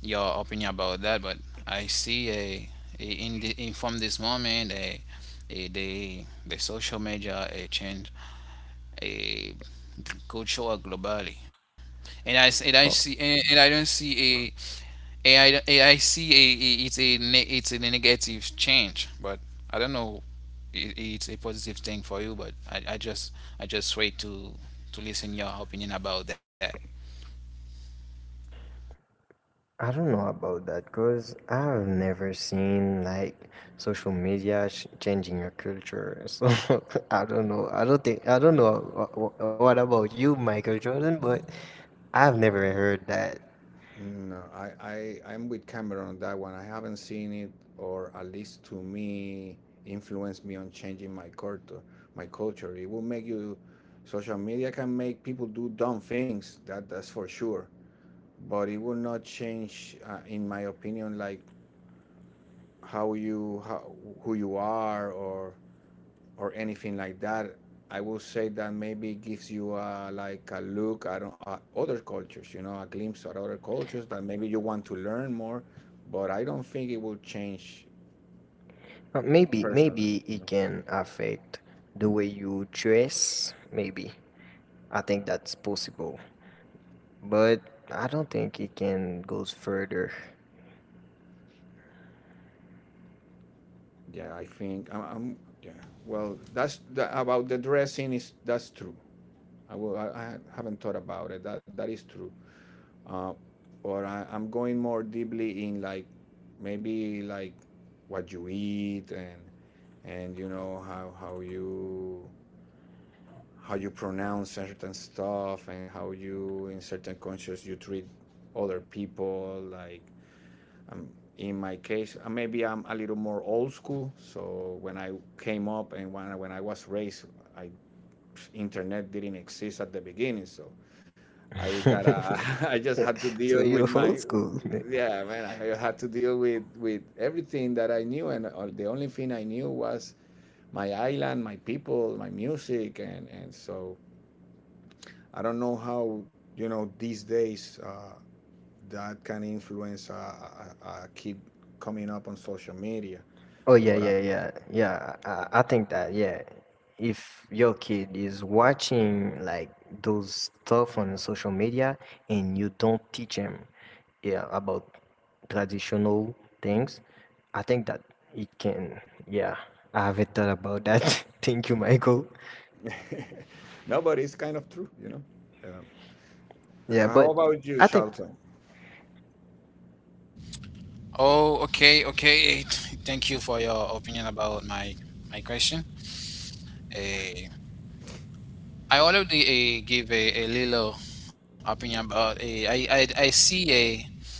Speaker 1: your opinion about that, but I see a in the in from this moment a the social media a change a culture globally, and I
Speaker 3: for
Speaker 1: see and I don't see a I don't- a- I see a it's a it's a negative change, but I don't know, it, it's a positive thing for you, but I just wait to listen your opinion about that.
Speaker 3: I don't know about that because I've never seen like social media changing your culture. So I don't know. I don't think, I don't know what about you, Michael Jordan, but I've never heard that.
Speaker 2: No, I'm with Cameron on that one. I haven't seen it, or at least to me, influence me on changing my culture. My culture. It will make you. Social media can make people do dumb things. That that's for sure. But it will not change, in my opinion, like how you how, who you are or anything like that. I will say that maybe gives you a, like a look at other cultures, you know, a glimpse at other cultures that maybe you want to learn more. But I don't think it will change
Speaker 3: Maybe,
Speaker 2: personally,
Speaker 3: maybe
Speaker 2: you
Speaker 3: it
Speaker 2: know.
Speaker 3: can affect the way you dress. Maybe. I think that's possible. But I don't think it can goes further.
Speaker 2: Yeah, I think I'm. I'm yeah. Well, that's the, about the dressing is that's true. I will. I haven't thought about it. That that is true. uh, or I'm going more deeply in like maybe like what you eat and you know how you pronounce certain stuff and how you in certain cultures you treat other people like um, in my case maybe I'm a little more old school, so when I came up and when when I was raised, I internet didn't exist at the beginning, so I gotta. I just had to
Speaker 3: So
Speaker 2: deal with
Speaker 3: you're old
Speaker 2: my.
Speaker 3: school.
Speaker 2: Yeah, man. I had to deal with everything that I knew, and all, the only thing I knew was my island, my people, my music, and so I don't know how you know these days that can influence a kid coming up on social media,
Speaker 3: Oh yeah,
Speaker 2: but
Speaker 3: yeah, yeah, yeah. I think that, yeah, if your kid is watching like those stuff on social media and you don't teach him, yeah, about traditional things, I think that it can. Yeah, I haven't thought about that. Thank you, Michael.
Speaker 2: no, but it's kind of true, you know. Yeah.
Speaker 3: Yeah,
Speaker 2: How
Speaker 3: but
Speaker 2: about you,
Speaker 3: I think,
Speaker 2: Charlton?
Speaker 1: Oh, okay, okay. Thank you for your opinion about my my question. Eh, I already give a little opinion about, I see a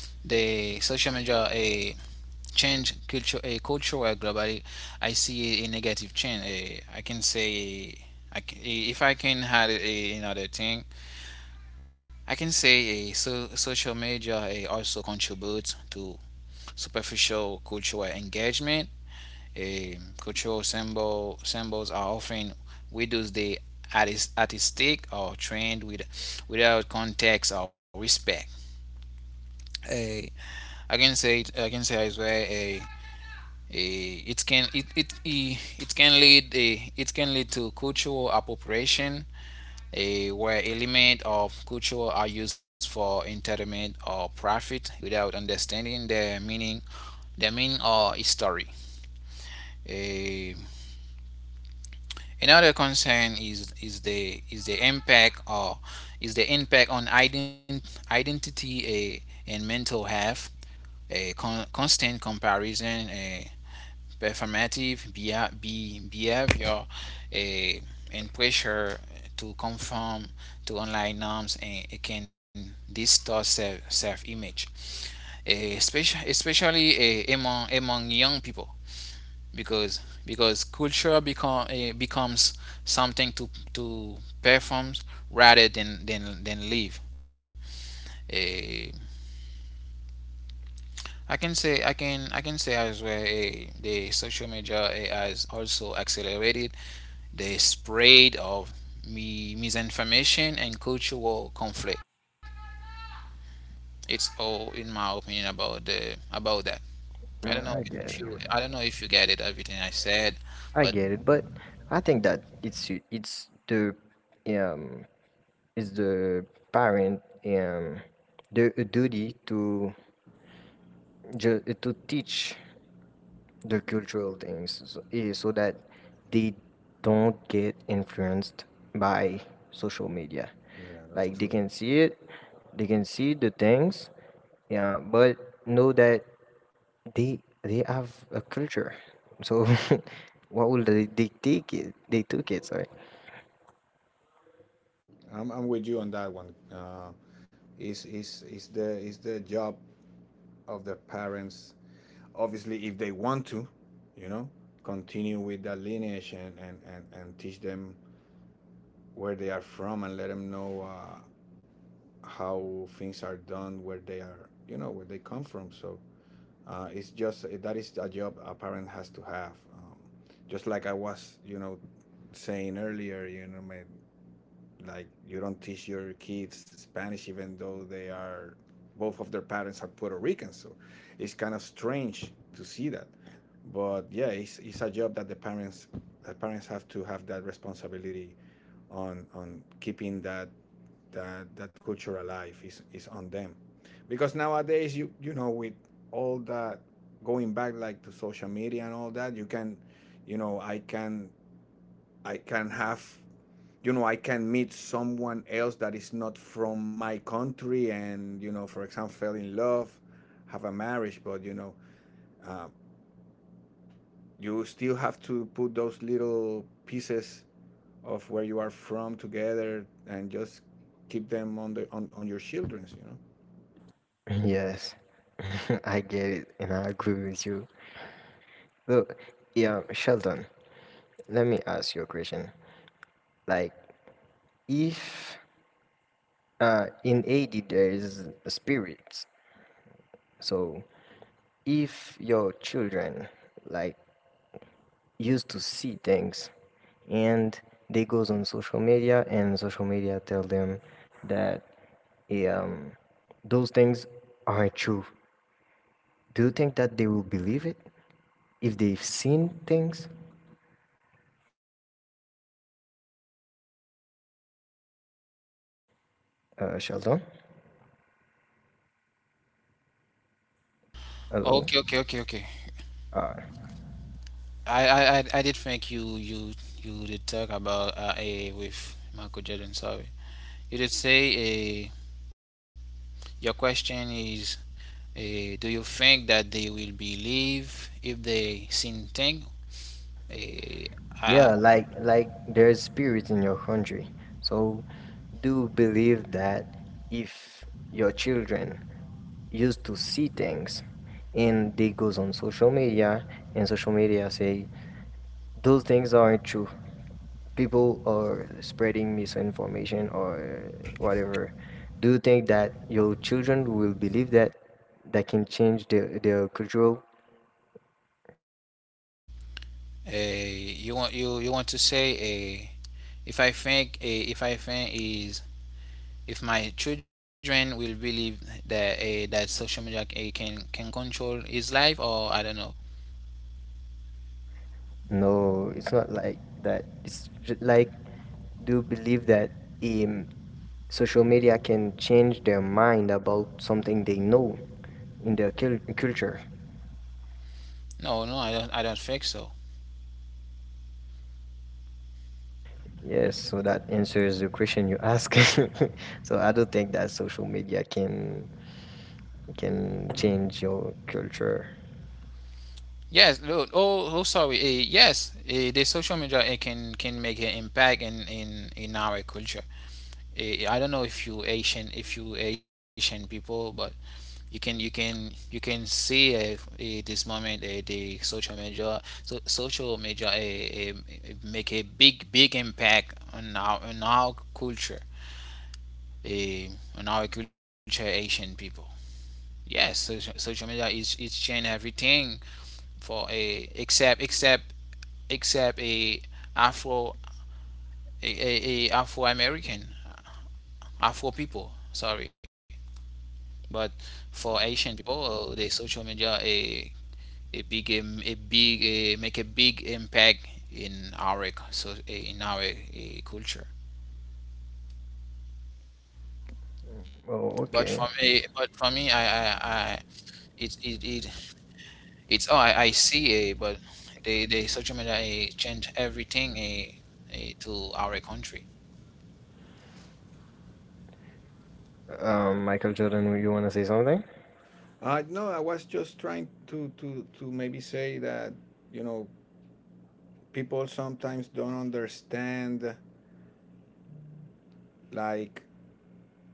Speaker 1: the social media a change culture a culture globally. I see a negative change. I can say if I can add another thing, I can say social media also contributes to superficial cultural engagement, cultural symbols are often widows the artistic or trend with, without context or respect. Eh, I can say as well a it can it can lead, it can lead to cultural appropriation, where element of culture are used for entertainment or profit without understanding their meaning, their meaning or history. Eh, Another concern is the impact or is the impact on identity and mental health. A constant comparison, a performative behavior, a and pressure to conform to online norms, and it can distort self image, especially among among young people, because because culture becomes something to perform rather than than live. Eh, I can say I can say as well, the social media has also accelerated the spread of misinformation and cultural conflict. It's all in my opinion about the about that. I don't know
Speaker 3: mm, I get
Speaker 1: if
Speaker 3: it.
Speaker 1: you, I don't know if you get it everything I said,
Speaker 3: I
Speaker 1: but.
Speaker 3: get it, but I think that it's the, um is the parent, um the, duty to, to teach the cultural things, so, so that they don't get influenced by social media.
Speaker 2: Yeah, that's
Speaker 3: Like they
Speaker 2: true.
Speaker 3: can see it, they can see the things, yeah, but know that they have a culture, so what will they take it, they took it, sorry.
Speaker 2: I'm with you on that one. Is the is the job of the parents, obviously, if they want to, you know, continue with that lineage and and teach them where they are from and let them know how things are done where they are, you know, where they come from. So it's just that is a job a parent has to have, just like I was, you know, saying earlier, you know, my like you don't teach your kids Spanish even though they are both of their parents are Puerto Rican, so it's kind of strange to see that. But yeah, it's a job that the parents, that parents have to have that responsibility on keeping that that that culture alive is on them, because nowadays you you know with all that going back like to social media and all that you can, you know, I can I can have, you know, I can meet someone else that is not from my country, and you know, for example, fell in love, have a marriage, but you know, uh, you still have to put those little pieces of where you are from together and just keep them on the on your children's, you know.
Speaker 3: Yes. I get it and I agree with you. Look, yeah, Sheldon, let me ask you a question. Like, if, in ad there is spirits, so if your children, like, used to see things, and they goes on social media and social media tell them that, eh, um, those things aren't true, do you think that they will believe it if they've seen things? Uh, Sheldon, hello.
Speaker 1: Okay.
Speaker 3: Uh,
Speaker 1: I, I did think you you you did talk about a with Michael Jordan. Sorry, you did say a. Your question is, a. Do you think that they will believe if they seen thing? A, I,
Speaker 3: yeah, like there's spirits in your country. So do believe that if your children used to see things and they goes on social media and social media say those things aren't true. People are spreading misinformation or whatever. Do you think that your children will believe that, that can change their cultural?
Speaker 1: a, you want, you want to say, a. If I think, if I think is, if my children will believe that, that social media a can control his life, or I don't know.
Speaker 3: No, it's not like that. It's like, do believe that, um, social media can change their mind about something they know in their culture.
Speaker 1: No, no, I don't, I don't think so.
Speaker 3: Yes, so that answers the question you ask. So I don't think that social media can change your culture.
Speaker 1: Yes. Oh, sorry. Yes, the social media can make an impact in our culture. I don't know if you Asian, if you Asian people, but you can you can you can see this moment the social media, so social media make a big big impact on our culture, uh, on our culture Asian people. Yes, social media is change everything for a except except except a Afro a, a, Afro American, Afro people. Sorry, but for Asian people, the social media a big, a big make a big impact in our culture.
Speaker 3: Oh, okay.
Speaker 1: But for me, I it, it it it's oh I see a but the social media change everything a to our country.
Speaker 3: Michael Jordan, you want to say something?
Speaker 2: No, I was just trying to maybe say that, you know, people sometimes don't understand like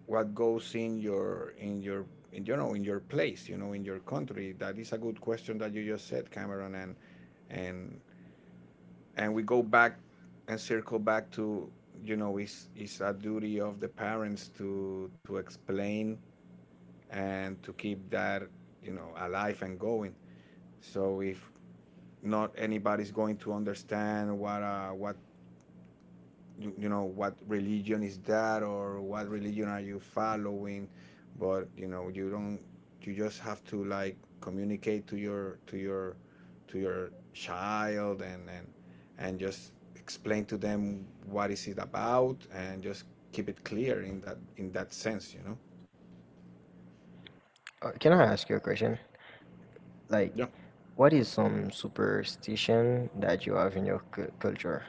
Speaker 2: what goes in you know in your place, you know, in your country. That is a good question that you just said, Cameron, and and and we go back and circle back to, you know, it's a duty of the parents to explain and to keep that, you know, alive and going. So if not, anybody's going to understand what you know, what religion is that or what religion are you following. But you know you don't, you just have to like communicate to your child and and just explain to them what is it about and just keep it clear in that sense, you know.
Speaker 3: Can I ask you a question? Like,
Speaker 2: Yeah.
Speaker 3: what is some superstition that you have in your culture?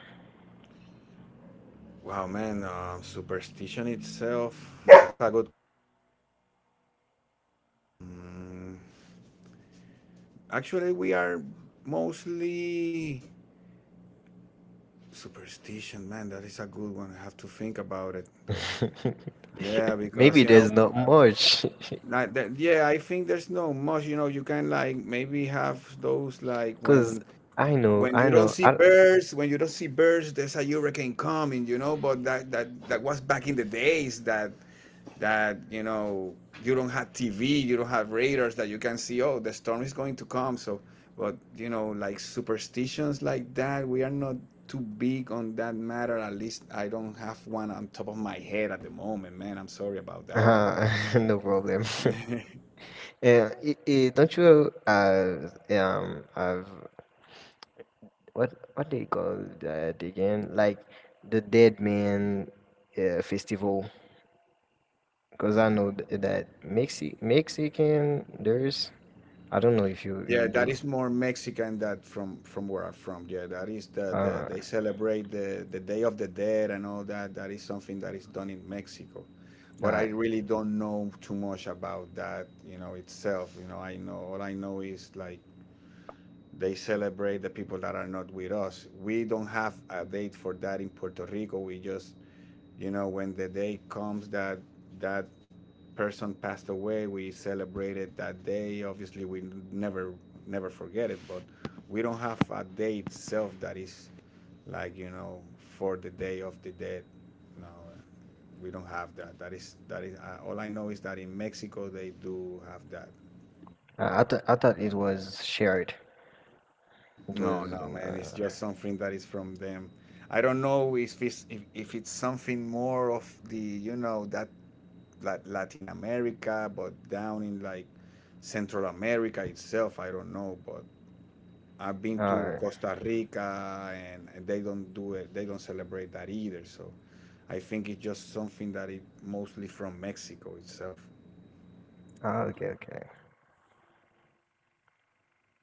Speaker 2: Wow, man, superstition itself, that's a good actually we are mostly. Superstition, man, that is a good one. I have to think about it though. Yeah, because
Speaker 3: Maybe
Speaker 2: you know,
Speaker 3: there's not much,
Speaker 2: like that, yeah, I think there's no much, you know, you can like maybe have those like
Speaker 3: because
Speaker 2: when you don't see
Speaker 3: I,
Speaker 2: birds, when you don't see birds, there's a hurricane coming, you know. But that that that was back in the days that that you know you don't have TV, you don't have radars that you can see. Oh, the storm is going to come. So, but you know, like superstitions like that, we are not too big on that matter. At least I don't have one on top of my head at the moment, man. I'm sorry about that one.
Speaker 3: uh, no problem. Yeah, it, don't you, have, what do you call that again? Like the Dead Man, Festival, because I know that Mexi, Mexican, there's, I don't know if you
Speaker 2: Yeah,
Speaker 3: you
Speaker 2: that
Speaker 3: do.
Speaker 2: is more Mexican that from where I'm from. Yeah, that is the
Speaker 3: Uh,
Speaker 2: they celebrate the Day of the Dead and all that. That is something that is done in Mexico, but I
Speaker 3: uh
Speaker 2: really don't know too much about that. You know itself. You know, I know all I know is like
Speaker 3: hello.
Speaker 2: they
Speaker 3: Oh,
Speaker 2: celebrate the people that are not with us. We don't have a date for that in Puerto Rico. We just, you know, when the day comes that that person passed away, we celebrated that day. Obviously, we never never forget it, but we don't have a day itself that is like you know for the day of the dead. No, we don't have that. That is all I know is that in Mexico they do have that.
Speaker 3: I, th I thought it was shared. It
Speaker 2: No,
Speaker 3: was,
Speaker 2: no, man. It's just something that is from them. I don't know if it's if it's something more of the you know that like Latin America, but down in like Central America itself, I don't know. But I've been to
Speaker 3: uh,
Speaker 2: Costa Rica, and they don't do it. They don't celebrate that either. So I think it's just something that it mostly from Mexico itself.
Speaker 3: ah, okay, okay.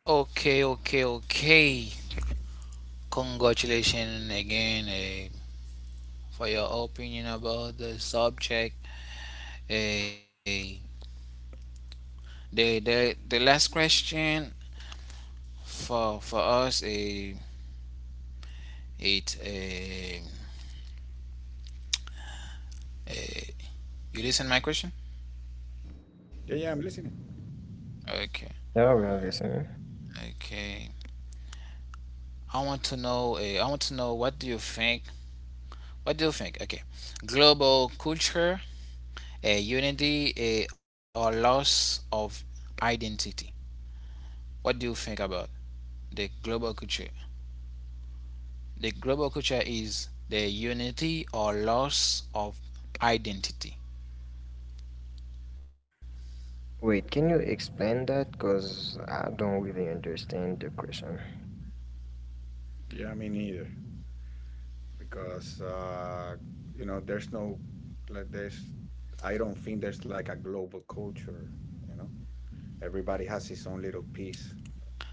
Speaker 1: Okay, okay, okay. Congratulations again, for your opinion about the subject. Eh, the, the last question for us, it eh, eh, you listen my question?
Speaker 2: Yeah, yeah. I'm listening.
Speaker 1: Okay,
Speaker 3: Yeah, well, listen.
Speaker 1: okay. I want to know. I want to know, what do you think? What do you think? Okay, global culture, unity, or loss of identity. What do you think about the global culture? The global culture is the unity or loss of identity.
Speaker 3: Wait, can you explain that? Because I don't really understand the question.
Speaker 2: Yeah, me neither. Because you know there's no like there's I don't think there's like a global culture. You know, everybody has his own little piece.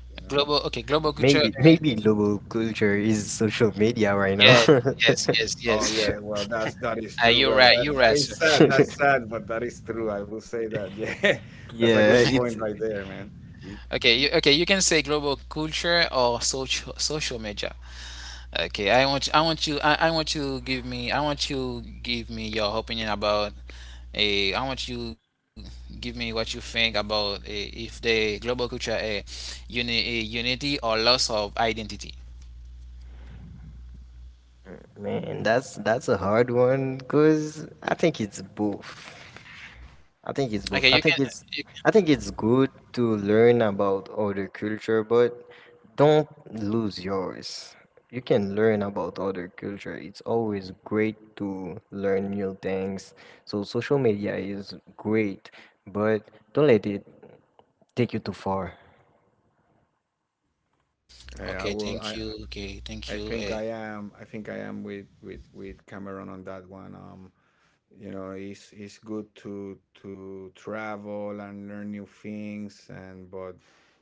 Speaker 2: You know.
Speaker 1: Global, okay, global culture.
Speaker 3: Maybe, maybe global culture is social media right now.
Speaker 1: Yes, yes, yes,
Speaker 2: Oh
Speaker 1: yes, yes.
Speaker 2: yeah, well that's that is true.
Speaker 1: You're
Speaker 2: Well
Speaker 1: right.
Speaker 2: that
Speaker 1: You're right,
Speaker 2: that
Speaker 1: sir.
Speaker 2: is sad. That's sad, but that is true. I will say that. Yeah, that's a
Speaker 3: Yeah,
Speaker 2: good point
Speaker 3: it's,
Speaker 2: right there, man.
Speaker 3: it,
Speaker 1: Okay. You can say global culture or social social media. Okay, I want you give me, I want you give me your opinion about a I want you give me what you think about, if the global culture uni, a unity or loss of identity.
Speaker 3: man, that's a hard one. Because I think it's both. I
Speaker 1: Okay,
Speaker 3: think
Speaker 1: you.
Speaker 3: it's both. I think it's good to learn about other culture, but don't lose yours. You can learn about other culture. It's always great to learn new things. So social media is great, but don't let it take you too far.
Speaker 2: Hey,
Speaker 1: Okay,
Speaker 2: I will.
Speaker 1: thank you. Okay, thank
Speaker 2: I
Speaker 1: you.
Speaker 2: think
Speaker 1: Eh.
Speaker 2: I am. I think I am with Cameron on that one. You know it's good to travel and learn new things, and but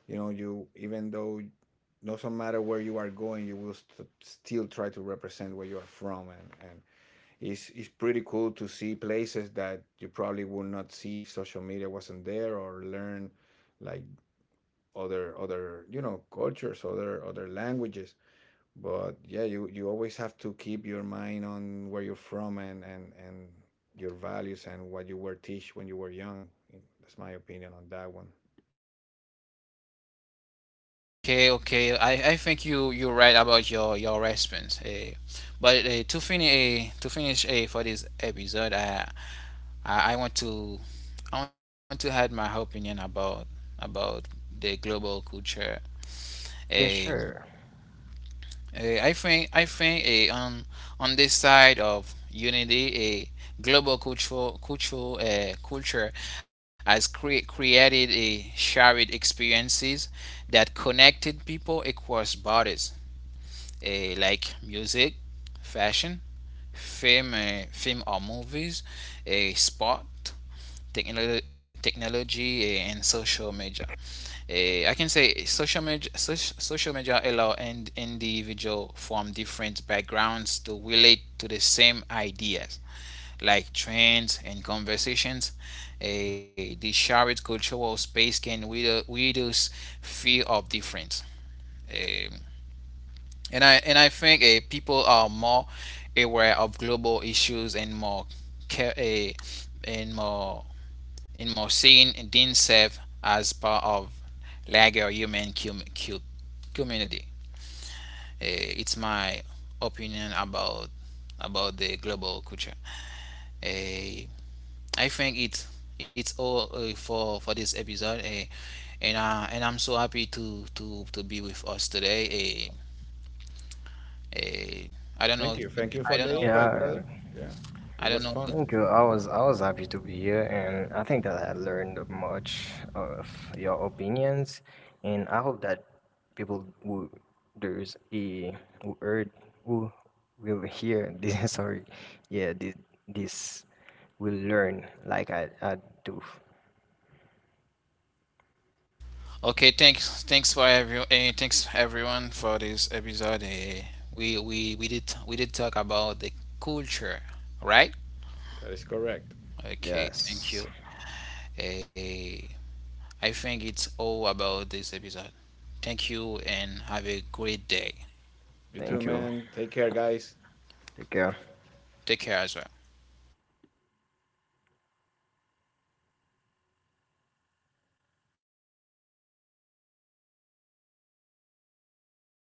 Speaker 2: you know you even though doesn't matter where you are going, you will st- still try to represent where you are from, and it's pretty cool to see places that you probably would not see if social media wasn't there, or learn like other, you know, cultures, other languages. But yeah, you always have to keep your mind on where you're from, and your values and what you were teach when you were young. That's my opinion on that one.
Speaker 1: Okay, okay. I think you you're right about your response. Eh. But, to finish, for this episode, I want to, I want to add my opinion about the global culture.
Speaker 3: Yeah,
Speaker 1: Eh.
Speaker 3: sure.
Speaker 1: I think on this side of unity, a global cultural cultural culture has created a shared experiences that connected people across borders, like music, fashion, film, film or movies, a sport, technology, and social media. Social media allow and individual from different backgrounds to relate to the same ideas, like trends and conversations. The shared cultural space can reduce fear of difference. Eh, and I think, people are more aware of global issues and more care, and more and more seeing themselves as part of larger human community. It's my opinion about the global culture. Uh, I think it's all for this episode, and I'm so happy to be with us today. Uh, uh, I don't
Speaker 2: Thank
Speaker 1: know.
Speaker 2: you,
Speaker 1: If,
Speaker 2: thank you for
Speaker 1: I
Speaker 2: the
Speaker 1: don't know.
Speaker 2: invite,
Speaker 3: Yeah.
Speaker 2: brother. Yeah, it
Speaker 1: I
Speaker 2: was
Speaker 1: don't know.
Speaker 2: fun.
Speaker 3: Thank you. I was happy to be here, and I think that I learned much of your opinions, and I hope that people who, there's a, who heard, who will hear this. Sorry, yeah, this, this will learn like I do.
Speaker 1: Okay, thanks. Thanks for every. Thanks everyone for this episode. We did talk about the culture, right?
Speaker 2: That is correct.
Speaker 1: Okay.
Speaker 3: Yes.
Speaker 1: Thank you. Eh, I think it's all about this episode. Thank you and have a great day.
Speaker 2: You too,
Speaker 3: Thank you.
Speaker 2: man. Take care, guys.
Speaker 3: Take care.
Speaker 1: Take care as well.